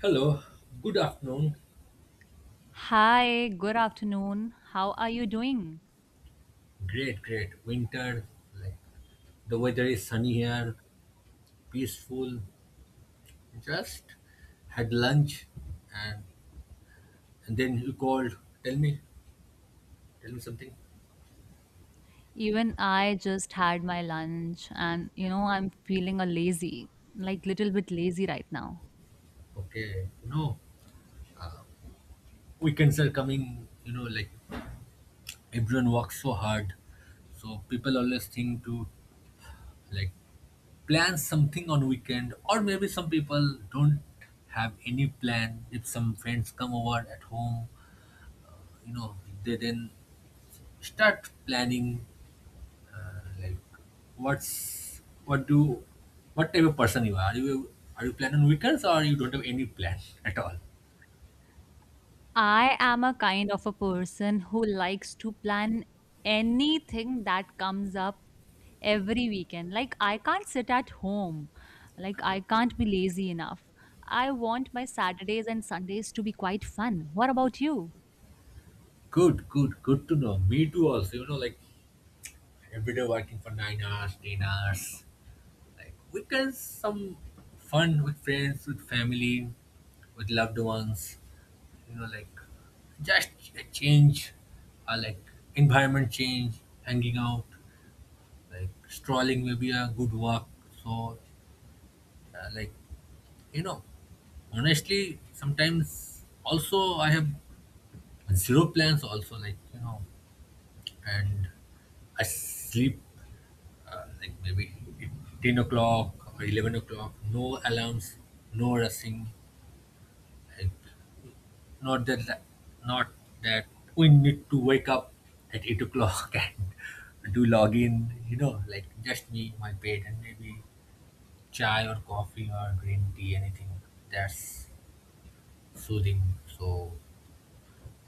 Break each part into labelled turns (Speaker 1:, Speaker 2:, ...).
Speaker 1: Hello, good afternoon.
Speaker 2: Hi, good afternoon. How are you doing?
Speaker 1: Great, great. Winter, like the weather is sunny here, peaceful. Just had lunch and and then you called. Tell me, tell me something.
Speaker 2: Even I just had my lunch and you know I'm feeling like little bit lazy right now.
Speaker 1: Okay, you know, weekends are coming, you know, everyone works so hard. So people always think to like plan something on weekend, or maybe some people don't have any plan. If some friends come over at home, you know, they then start planning, like what's what do what type of person you are. Are you, are you plan on weekends, or you don't have any plan at all?
Speaker 2: I am a kind of a person who likes to plan anything that comes up every weekend. Like I can't sit at home. Like I can't be lazy enough. I want my Saturdays and Sundays to be quite fun. What about you?
Speaker 1: Good, good, good to know. Me too also, you know, like every day working for 9 hours, 10 hours. Like weekends some fun with friends, with family, with loved ones, you know, like just a change, or like environment change, hanging out. Like strolling, may be a good walk. So, uh, like, you know, honestly, sometimes also I have zero plans. Also, like, you know, and I sleep like maybe 10 o'clock or 11 o'clock. No alarms, no rushing. Like, not that, that, not that we need to wake up at 8 o'clock and do login. You know, like just me, my bed, and maybe chai or coffee or green tea, anything that's soothing. So,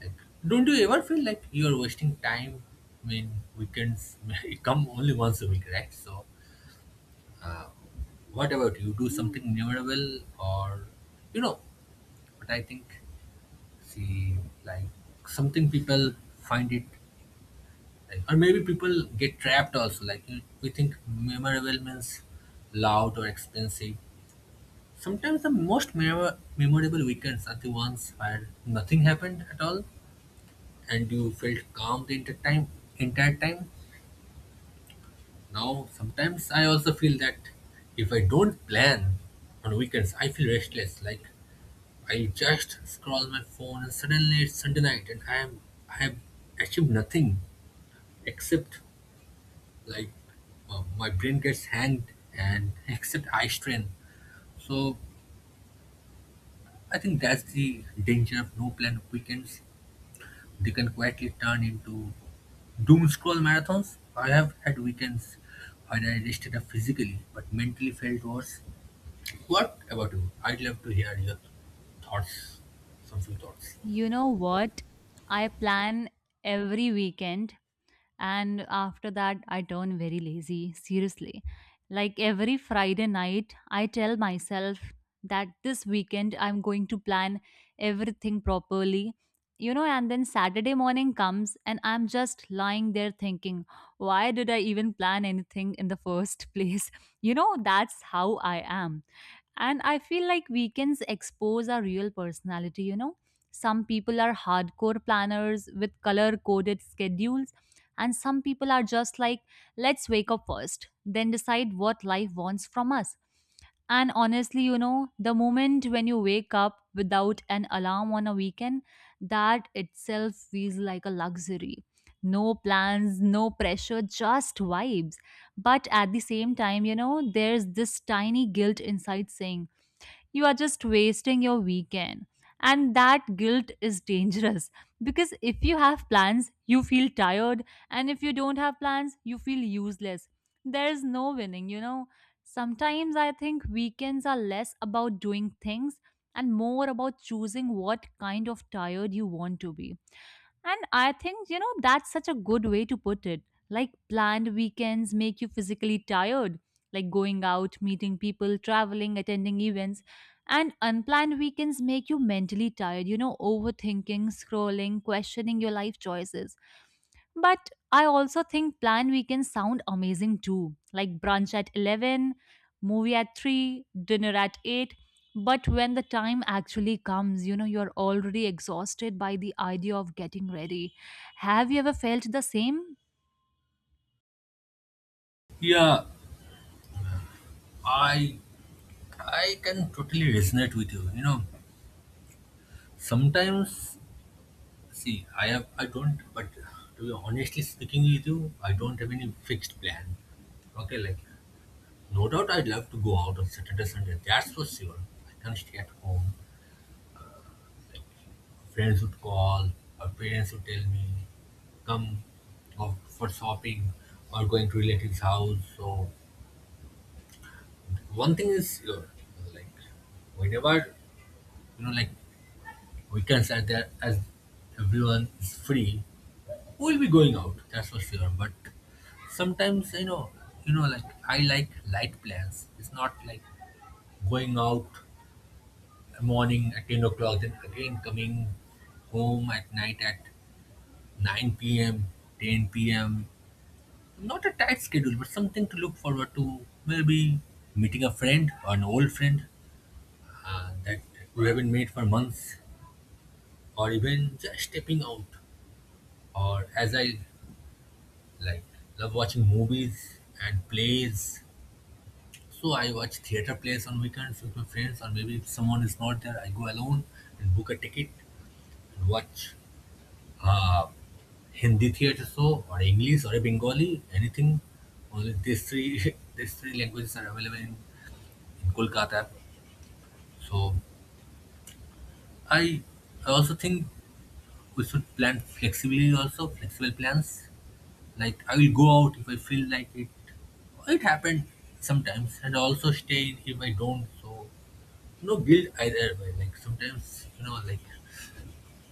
Speaker 1: like, don't you ever feel like you're wasting time? I mean, weekends you come only once a week, right? So, uh, what about you? Do something memorable, or, you know, what I think? See, like something people find it, like, or maybe people get trapped also. Like, you, we think memorable means loud or expensive. Sometimes the most memorable weekends are the ones where nothing happened at all and you felt calm the entire time. Entire time. Now, sometimes I also feel that if I don't plan on weekends, I feel restless. Like I just scroll my phone and suddenly it's Sunday night and I have achieved nothing except, like my brain gets hanged and except eye strain. So I think that's the danger of no plan weekends. They can quietly turn into doom scroll marathons. I have had weekends when I rested up physically but mentally felt worse. What about you? I'd love to hear your thoughts, some few thoughts.
Speaker 2: You know what? I plan every weekend, and after that, I turn very lazy. Seriously. Like every Friday night, I tell myself that this weekend I'm going to plan everything properly. You know, and then Saturday morning comes, and I'm just lying there thinking, why did I even plan anything in the first place? You know, that's how I am. And I feel like weekends expose our real personality, you know, some people are hardcore planners with color coded schedules, and some people are just like, let's wake up first, then decide what life wants from us. And honestly, you know, the moment when you wake up without an alarm on a weekend, that itself feels like a luxury. No plans, no pressure, just vibes. But at the same time, you know, there's this tiny guilt inside saying, you are just wasting your weekend. And that guilt is dangerous because if you have plans, you feel tired, and if you don't have plans, you feel useless. There is no winning, you know. Sometimes I think weekends are less about doing things and more about choosing what kind of tired you want to be. And I think, you know, that's such a good way to put it. Like, planned weekends make you physically tired, like going out, meeting people, traveling, attending events, and unplanned weekends make you mentally tired, you know, overthinking, scrolling, questioning your life choices. But I also think planned weekends sound amazing too, like brunch at 11, movie at 3, dinner at 8. But when the time actually comes, you know, you're already exhausted by the idea of getting ready. Have you ever felt the same?
Speaker 1: Yeah, I I can totally resonate with you. You know, sometimes, see, I have I don't, but to be honestly speaking with you, I don't have any fixed plan. Okay, like no doubt I'd love to go out on Saturday, Sunday. That's for sure. I can stay at home. Friends would call, or parents would tell me, come for shopping or going to relatives' house. So one thing is sure, like whenever you know, like weekends are there, as everyone is free, we'll be going out. That's for sure. But sometimes, you know, like I like light plans. It's not like going out morning at 10 o'clock, then again coming home at night at nine p.m., ten p.m. Not a tight schedule, but something to look forward to. Maybe meeting a friend or an old friend that we haven't met for months, or even just stepping out. Or as I like, love watching movies and plays. So I watch theater plays on weekends with my friends, or maybe if someone is not there, I go alone and book a ticket and watch uh, Hindi theater show or English or a Bengali, anything. Only these three, these three languages are available in Kolkata. So I I also think we should plan flexibly also, flexible plans. Like I will go out if I feel like it. It happened sometimes, and also stay in if I don't. So no guilt either way. Like sometimes, you know, like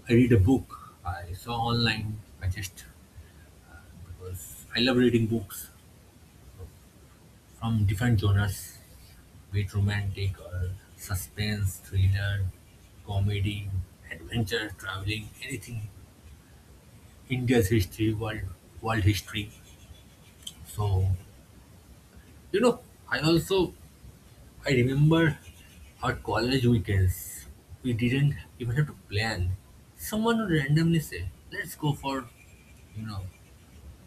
Speaker 1: I read a book I saw online. I just, because I love reading books from different genres, be it romantic or suspense, thriller, comedy, adventure, traveling, anything. India's history, world history. So you know, I also I remember our college weekends. We didn't even have to plan. Someone would randomly say, "Let's go for, you know,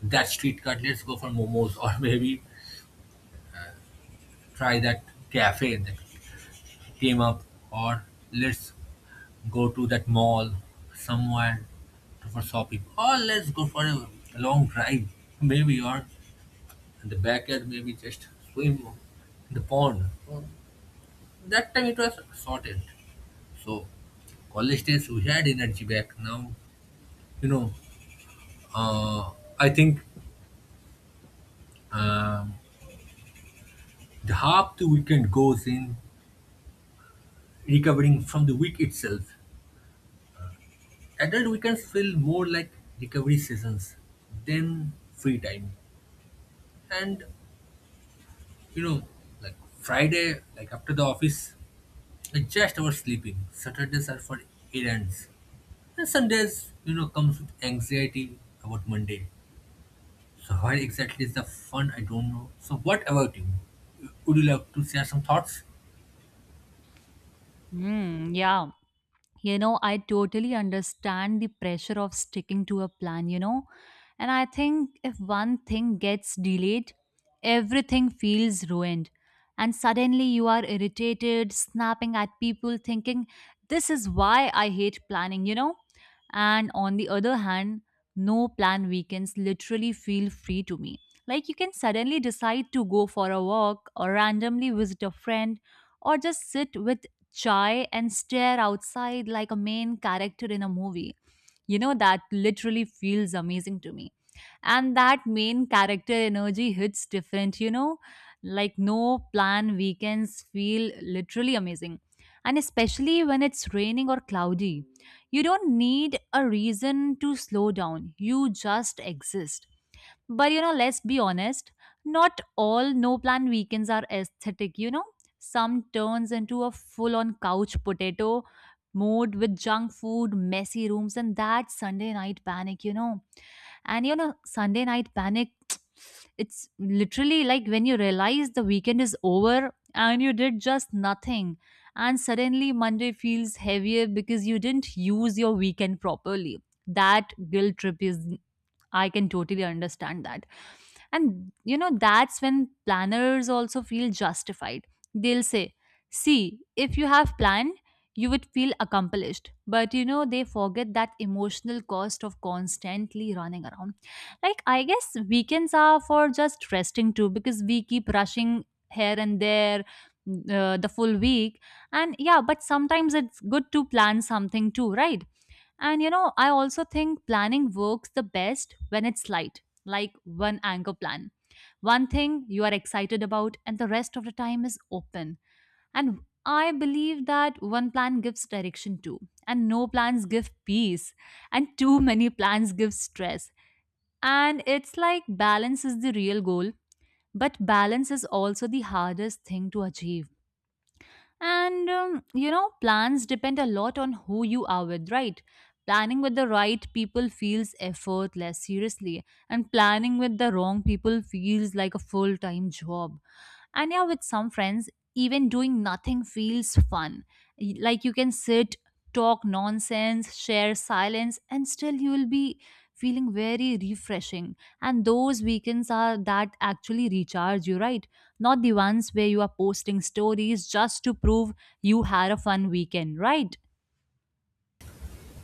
Speaker 1: that street cut. Let's go for momos," or maybe try that cafe that came up, or let's go to that mall somewhere for shopping, or let's go for a long drive, maybe, or and the backyard maybe just swim in the pond. That time it was sorted. So college days we had energy back. Now you know, uh, I think, um, the half the weekend goes in recovering from the week itself. Adult weekends feel more like recovery seasons than free time. And you know, like Friday, like after the office, it's just about sleeping. Saturdays are for errands, and Sundays, you know, comes with anxiety about Monday. So where exactly is the fun? I don't know. So what about you? Would you like to share some thoughts?
Speaker 2: Hmm, yeah. You know, I totally understand the pressure of sticking to a plan, you know. And I think if one thing gets delayed, everything feels ruined. And suddenly you are irritated, snapping at people, thinking, this is why I hate planning, you know. And on the other hand, no plan weekends literally feel free to me. Like you can suddenly decide to go for a walk or randomly visit a friend or just sit with chai and stare outside like a main character in a movie. You know, that literally feels amazing to me. And that main character energy hits different, you know, like no plan weekends feel literally amazing. And especially when it's raining or cloudy, you don't need a reason to slow down, you just exist. But you know, let's be honest, not all no plan weekends are aesthetic, you know? Some turns into a full on couch potato mode with junk food, messy rooms, and that Sunday night panic, you know? And you know, Sunday night panic, it's literally like when you realize the weekend is over and you did just nothing. And suddenly Monday feels heavier because you didn't use your weekend properly. That guilt trip is, I can totally understand that. And you know, that's when planners also feel justified. They'll say, see, if you have planned, you would feel accomplished. But you know, they forget that emotional cost of constantly running around. Like, I guess weekends are for just resting too, because we keep rushing here and there the full week. And yeah, but sometimes it's good to plan something too, right? And you know, I also think planning works the best when it's light, like one anchor plan, one thing you are excited about, and the rest of the time is open. And I believe that one plan gives direction too, and no plans give peace, and too many plans give stress. And it's like balance is the real goal, but balance is also the hardest thing to achieve. And you know, plans depend a lot on who you are with, right? Planning with the right people feels effortless, seriously, and planning with the wrong people feels like a full time job. And yeah, with some friends, even doing nothing feels fun. Like you can sit, talk nonsense, share silence, and still you will be feeling very refreshing. And those weekends are that actually recharge you, right? Not the ones where you are posting stories just to prove you had a fun weekend, right?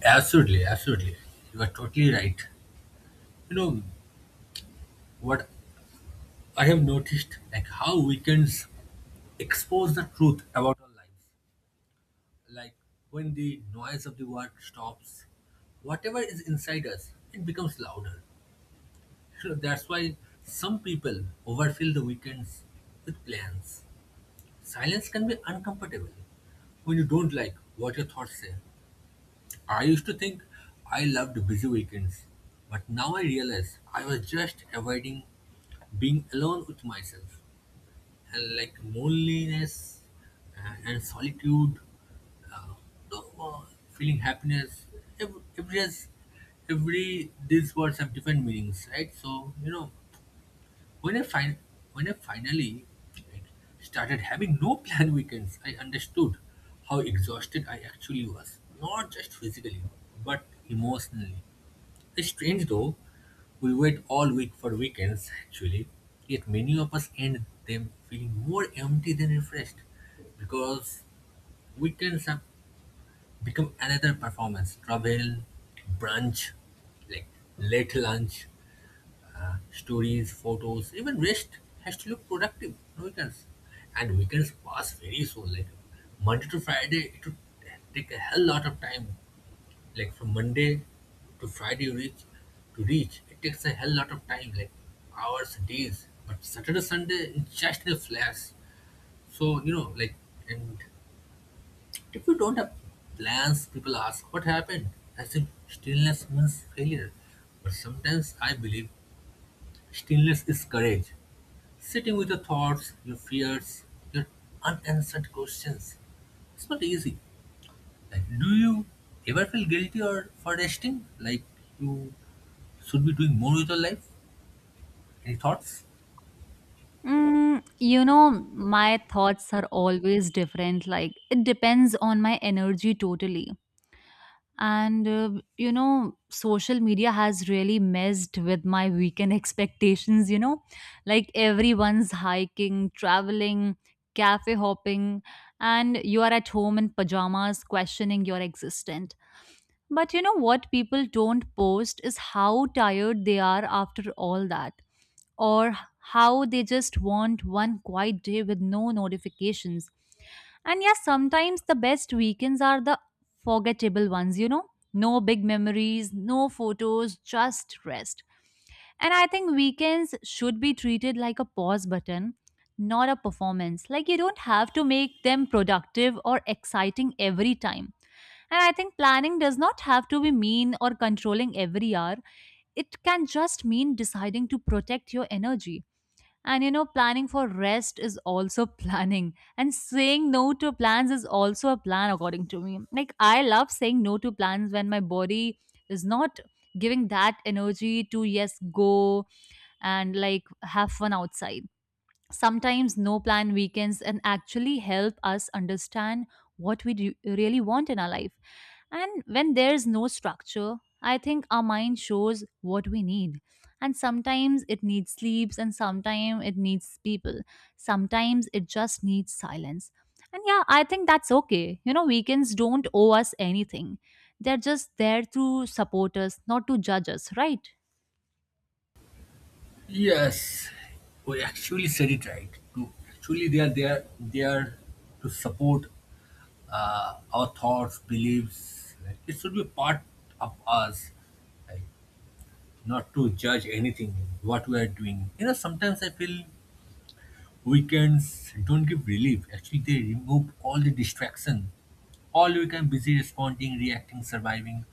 Speaker 1: Absolutely, absolutely. You are totally right. You know what I have noticed, like how weekends expose the truth about our lives. Like when the noise of the world stops, whatever is inside us, it becomes louder. So that's why some people overfill the weekends with plans. Silence can be uncomfortable when you don't like what your thoughts say. I used to think I loved busy weekends, but now I realize I was just avoiding being alone with myself. And like loneliness and solitude, uh, no, feeling happiness, every, every, these words have different meanings, right? So, you know, when I fin- when I finally, like, started having no planned weekends, I understood how exhausted I actually was, not just physically, but emotionally. It's strange though, we wait all week for weekends, actually, yet many of us end them feeling more empty than refreshed, because weekends have become another performance: travel, brunch, like late lunch, stories, photos, even rest has to look productive on weekends. And weekends pass very soon. Like Monday to Friday, it would take a hell lot of time. Like from Monday to Friday reach, it takes a hell lot of time, like hours, days. But Saturday, Sunday, it's just a flash. So you know, like, and if you don't have plans, people ask what happened. As if stillness means failure. But sometimes I believe stillness is courage. Sitting with your thoughts, your fears, your unanswered questions. It's not easy. Like, do you ever feel guilty or for resting? Like you should be doing more with your life? Any thoughts?
Speaker 2: Mm, you know, my thoughts are always different. Like, it depends on my energy totally. And you know, social media has really messed with my weekend expectations, you know, like everyone's hiking, traveling, cafe hopping, and you are at home in pajamas questioning your existence. But you know what people don't post is how tired they are after all that, or how they just want one quiet day with no notifications. And yes, sometimes the best weekends are the forgettable ones, you know? No big memories, no photos, just rest. And I think weekends should be treated like a pause button, not a performance. Like you don't have to make them productive or exciting every time. And I think planning does not have to be mean or controlling every hour. It can just mean deciding to protect your energy. And you know, planning for rest is also planning. And saying no to plans is also a plan, according to me. Like, I love saying no to plans when my body is not giving that energy to, yes, go and like have fun outside. Sometimes no plan weekends and actually help us understand what we really want in our life. And when there's no structure, I think our mind shows what we need. And sometimes it needs sleeps, and sometimes it needs people. Sometimes it just needs silence. And yeah, I think that's okay. You know, weekends don't owe us anything. They're just there to support us, not to judge us, right?
Speaker 1: Yes, we actually said it right. To actually, they are there. They are to support our thoughts, beliefs. Like, it should be part of us. Like, not to judge anything what we are doing. You know, sometimes I feel weekends don't give relief. Actually, they remove all the distraction. All week I'm busy responding, reacting, surviving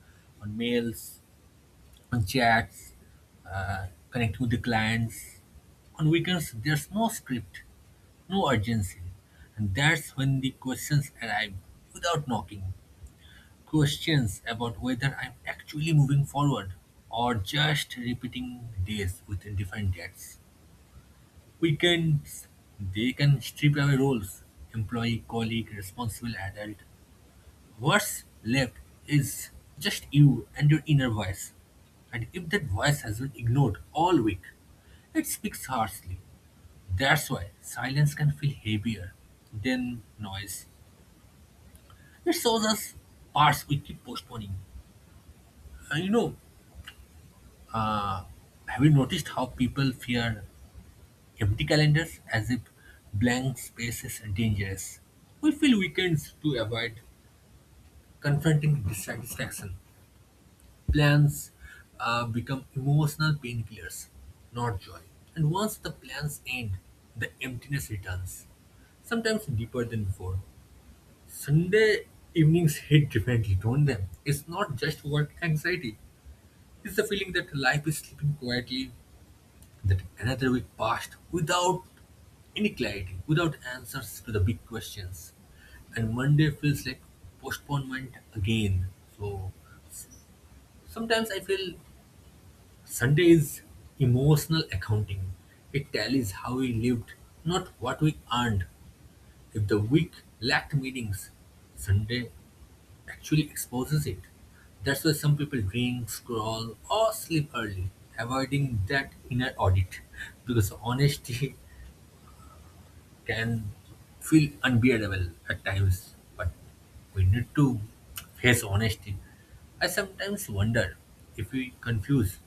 Speaker 1: on mails, on chats, connecting with the clients. On weekends, there's no script, no urgency. And that's when the questions arrive without knocking. Questions about whether I'm actually moving forward, or just repeating days with different dates. Weekends, they can strip away roles, employee, colleague, responsible adult. What's left is just you and your inner voice. And if that voice has been ignored all week, it speaks harshly. That's why silence can feel heavier than noise. It shows us parts we keep postponing. And you know, have you noticed how people fear empty calendars, as if blank space is dangerous. We fill weekends to avoid confronting dissatisfaction. Plans become emotional painkillers, not joy. And once the plans end, the emptiness returns, sometimes deeper than before. Sunday evenings hit differently, don't they? It's not just work anxiety, it's the feeling that life is slipping quietly. That another week passed without any clarity, without answers to the big questions. And Monday feels like postponement again. So s- sometimes I feel Sunday is emotional accounting. It tallies how we lived, not what we earned. If the week lacked meetings, Sunday actually exposes it. That's why some people drink, scroll, or sleep early, avoiding that inner audit because honesty can feel unbearable at times, but we need to face honesty. I sometimes wonder if we confuse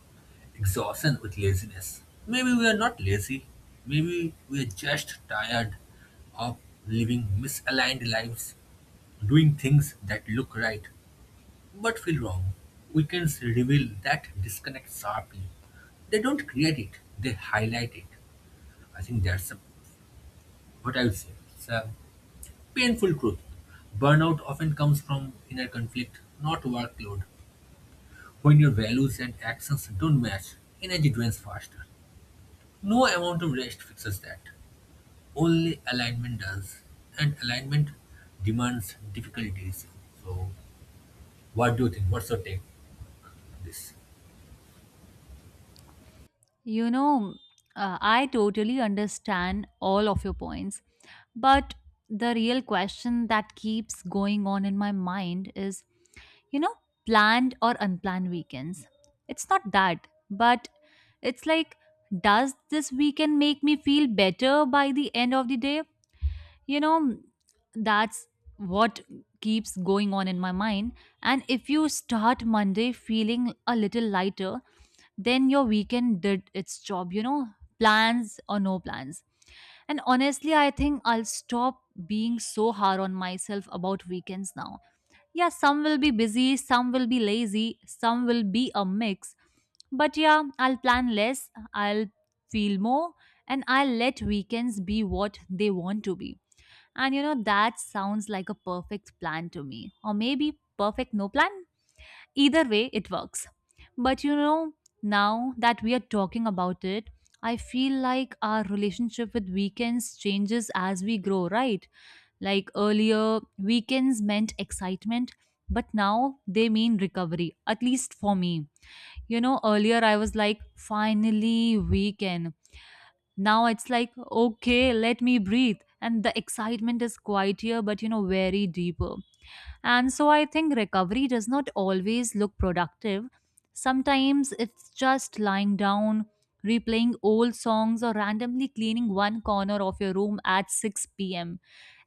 Speaker 1: exhaustion with laziness. Maybe we are not lazy, maybe we are just tired of living misaligned lives, doing things that look right but feel wrong. Weekends reveal that disconnect sharply. They don't create it, they highlight it. I think that's a, what I would say, it's a painful truth. Burnout often comes from inner conflict, not workload. When your values and actions don't match, energy drains faster. No amount of rest fixes that. Only alignment does. And alignment demands difficult decisions. So, what do you think? What's your take on this?
Speaker 2: You know, I totally understand all of your points. But the real question that keeps going on in my mind is, you know, planned or unplanned weekends. It's not that, but it's like, does this weekend make me feel better by the end of the day? You know, that's what keeps going on in my mind. And if you start Monday feeling a little lighter, then your weekend did its job, you know, plans or no plans. And honestly, I think I'll stop being so hard on myself about weekends now. Yeah, some will be busy, some will be lazy, some will be a mix, but yeah, I'll plan less, I'll feel more, and I'll let weekends be what they want to be. And you know, that sounds like a perfect plan to me, or maybe perfect no plan. Either way, it works. But you know, now that we are talking about it, I feel like our relationship with weekends changes as we grow, right? Like earlier, weekends meant excitement, but now they mean recovery, at least for me. You know, earlier I was like, finally, weekend. Now it's like, okay, let me breathe. And the excitement is quieter, but you know, very deeper. And so I think recovery does not always look productive. Sometimes it's just lying down, replaying old songs, or randomly cleaning one corner of your room at 6 pm.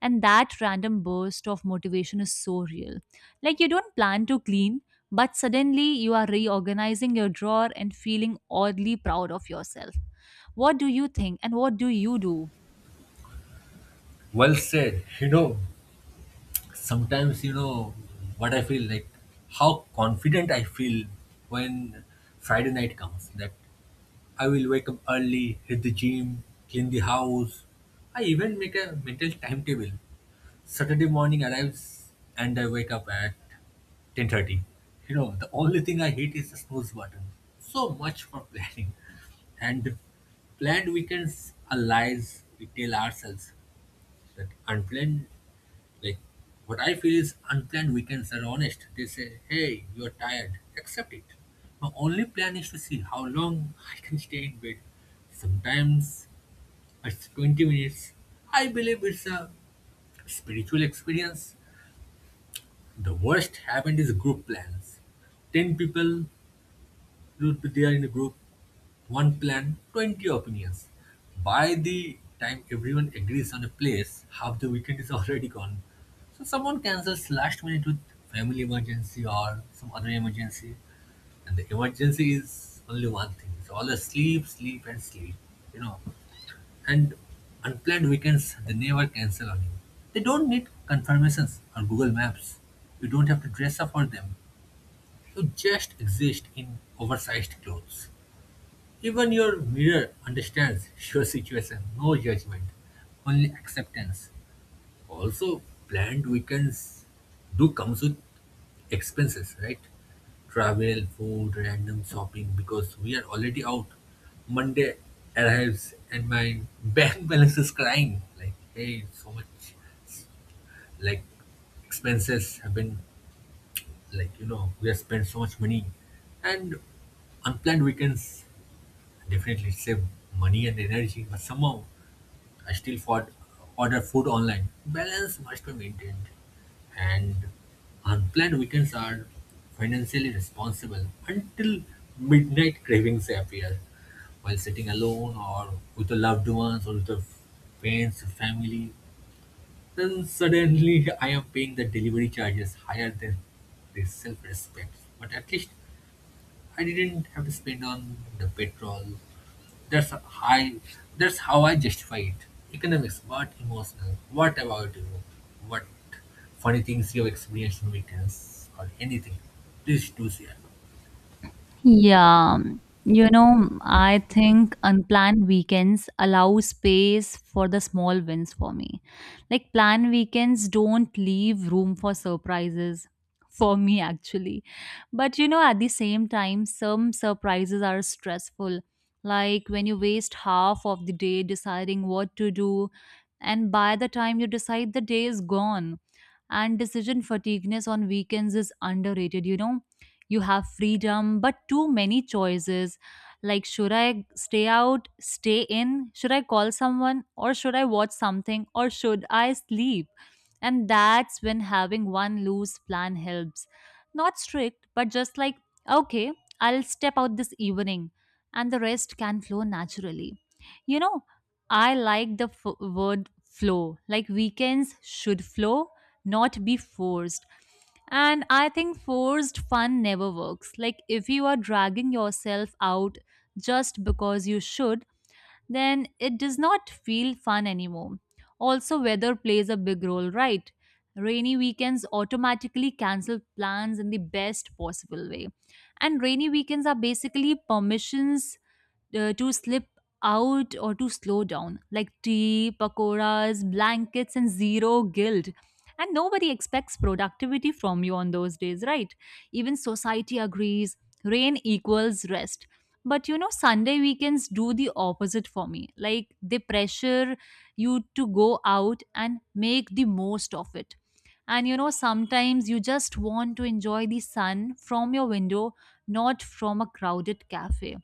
Speaker 2: And that random burst of motivation is so real. Like you don't plan to clean, but suddenly you are reorganizing your drawer and feeling oddly proud of yourself. What do you think and what do you do?
Speaker 1: Well said. You know, sometimes what I feel like how confident I feel when Friday night comes, that I will wake up early, hit the gym, clean the house. I even make a mental timetable. Saturday morning arrives and I wake up at 10:30. You know, the only thing I hate is the snooze button. So much for planning. And planned weekends are lies we tell ourselves. That unplanned, like what I feel is unplanned weekends are honest. They say, hey, you're tired, accept it. My only plan is to see how long I can stay in bed. Sometimes it's 20 minutes. I believe it's a spiritual experience. The worst happened is group plans. 10 people, you'll be there in a group, one plan, 20 opinions. By the time everyone agrees on a place, half the weekend is already gone. So someone cancels last minute with family emergency or some other emergency. And the emergency is only one thing. It's all the sleep, sleep, and sleep. You know, and unplanned weekends, they never cancel on you. They don't need confirmations or Google Maps. You don't have to dress up for them. You just exist in oversized clothes. Even your mirror understands your situation. No judgment, only acceptance. Also, planned weekends do comes with expenses, right? Travel, food, random shopping because we are already out. Monday arrives and my bank balance is crying. Like, hey, so much, like expenses have been, like we have spent so much money. And unplanned weekends, definitely it saved money and energy, but somehow I still fought, order food online. Balance must be maintained. And unplanned weekends are financially responsible until midnight cravings appear. While sitting alone or with the loved ones or with the friends, family, then suddenly I am paying the delivery charges higher than the self-respect. But at least I didn't have to spend on the petrol. That's a high. That's how I justify it. Economics, but emotional. What about you? What funny things you have experienced on weekends or anything? Please do share.
Speaker 2: Yeah, you know, I think unplanned weekends allow space for the small wins for me. Like, planned weekends don't leave room for surprises for me, actually. But you know, at the same time, some surprises are stressful. Like, when you waste half of the day deciding what to do, and by the time you decide, the day is gone. And decision fatigueness on weekends is underrated, you know, you have freedom but too many choices, like should I stay out, stay in, should I call someone, or should I watch something, or should I sleep? And that's when having one loose plan helps, not strict, but just like, okay, I'll step out this evening, and the rest can flow naturally. You know, I like the word flow. Like weekends should flow, not be forced. And I think forced fun never works. Like, if you are dragging yourself out just because you should, then it does not feel fun anymore. Also, weather plays a big role, right? Rainy weekends automatically cancel plans in the best possible way. And rainy weekends are basically permissions to slip out or to slow down, like tea, pakoras, blankets, and zero guilt. And nobody expects productivity from you on those days, right? Even society agrees, rain equals rest. But you know, Sunday weekends do the opposite for me. Like they pressure you to go out and make the most of it. And you know, sometimes you just want to enjoy the sun from your window, not from a crowded cafe.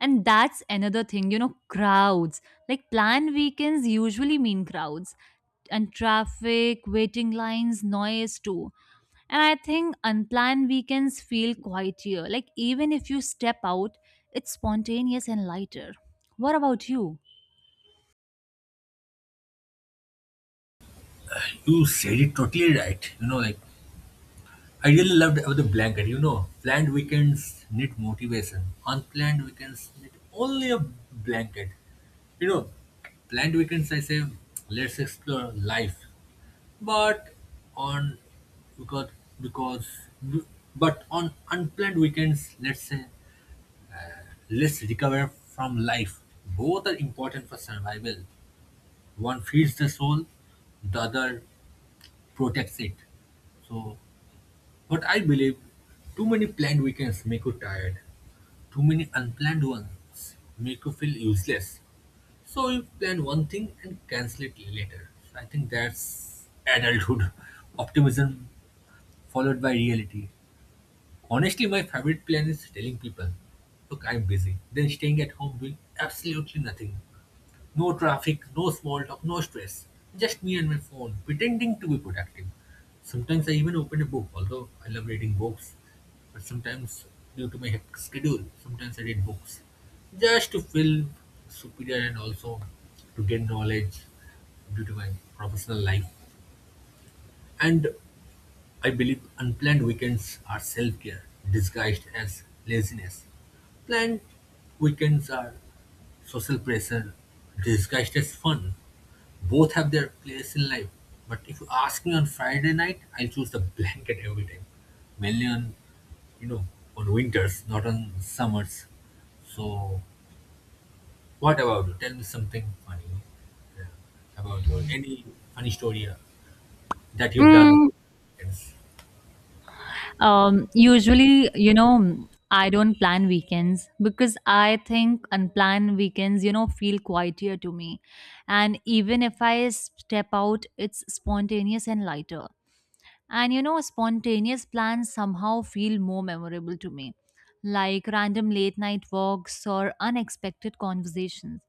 Speaker 2: And that's another thing, you know, crowds. Like planned weekends usually mean crowds and traffic, waiting lines, noise too. And I think unplanned weekends feel quieter. Like even if you step out, it's spontaneous and lighter. What about you?
Speaker 1: You said it totally right. I really loved about the blanket. You know, planned weekends need motivation. Unplanned weekends need only a blanket. You know, planned weekends, I say, let's explore life. but on because because but on unplanned weekends, let's say, let's recover from life. Both are important for survival. One feeds the soul, the other protects it. So, but I believe too many planned weekends make you tired, too many unplanned ones make you feel useless. So you plan one thing and cancel it later. So I think that's adulthood optimism followed by reality. Honestly, my favorite plan is telling people, look, I'm busy, then staying at home doing absolutely nothing. No traffic, no small talk, no stress. Just me and my phone, pretending to be productive. Sometimes I even open a book, although I love reading books. But sometimes, due to my hectic schedule, sometimes I read books. Just to feel superior and also to gain knowledge due to my professional life. And I believe unplanned weekends are self care disguised as laziness. Planned weekends are social pressure disguised as fun. Both have their place in life. But if you ask me on Friday night, I'll choose the blanket every time. Mainly on, you know, on winters, not on summers. So, what about you? Tell me something funny uh, about your any funny story that you've done. Yes.
Speaker 2: Usually, you know, I don't plan weekends because I think unplanned weekends, you know, feel quieter to me. And even if I step out, it's spontaneous and lighter. And, you know, spontaneous plans somehow feel more memorable to me, like random late night walks or unexpected conversations.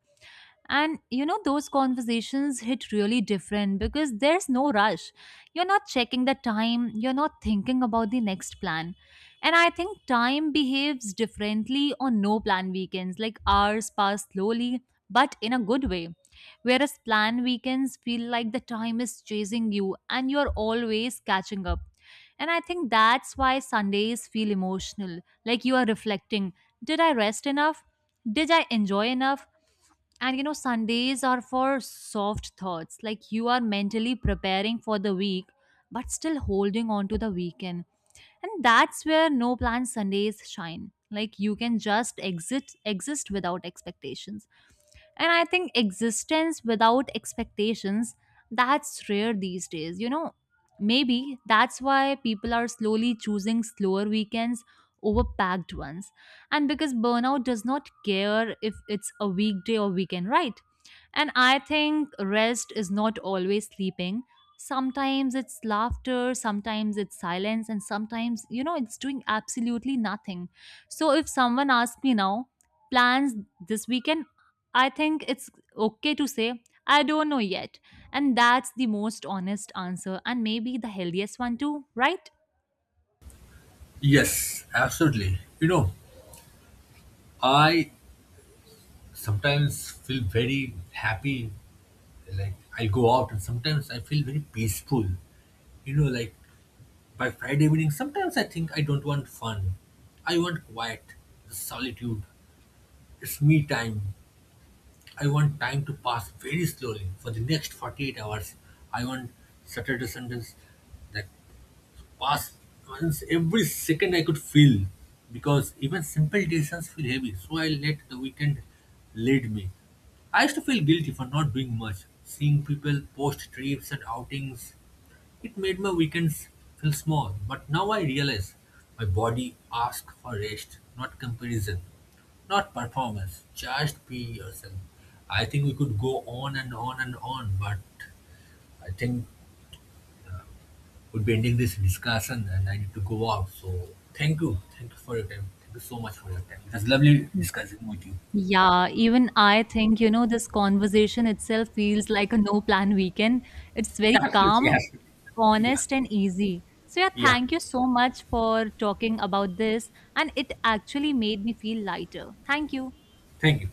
Speaker 2: And you know, those conversations hit really different because there's no rush. You're not checking the time, you're not thinking about the next plan. And I think time behaves differently on no plan weekends. Like hours pass slowly, but in a good way. Whereas plan weekends feel like the time is chasing you and you're always catching up. And I think that's why Sundays feel emotional. Like you are reflecting, did I rest enough? Did I enjoy enough? And you know, Sundays are for soft thoughts, like you are mentally preparing for the week, but still holding on to the weekend. And that's where no plan Sundays shine. Like you can just exist, exist without expectations. And I think existence without expectations, that's rare these days, you know. Maybe that's why people are slowly choosing slower weekends over packed ones. And because burnout does not care if it's a weekday or weekend, right? And I think rest is not always sleeping. Sometimes it's laughter, sometimes it's silence, and sometimes, you know, it's doing absolutely nothing. So if someone asks me now, plans this weekend, I think it's okay to say, I don't know yet. And that's the most honest answer, and maybe the healthiest one too, right?
Speaker 1: Yes, absolutely. You know, I sometimes feel very happy. Like I go out and sometimes I feel very peaceful. You know, like by Friday evening, sometimes I think I don't want fun. I want quiet, the solitude. It's me time. I want time to pass very slowly for the next 48 hours. I want Saturday, Sundays, that. Past once every second I could feel, because even simple decisions feel heavy. So I let the weekend lead me. I used to feel guilty for not doing much. Seeing people post trips and outings, it made my weekends feel small. But now I realize my body asks for rest, not comparison, not performance. Just be yourself. I think we could go on and on and on, but I think would be ending this discussion and I need to go out. So thank you. Thank you for your time. Thank you so much for your time. It was lovely discussing with you.
Speaker 2: Yeah, even I think, you know, this conversation itself feels like a no plan weekend. It's very
Speaker 1: Absolutely.
Speaker 2: calm,
Speaker 1: Yes. Yeah.
Speaker 2: honest, and easy. So, yeah,
Speaker 1: Yeah.
Speaker 2: thank you so much for talking about this. And it actually made me feel lighter. Thank you.
Speaker 1: Thank you.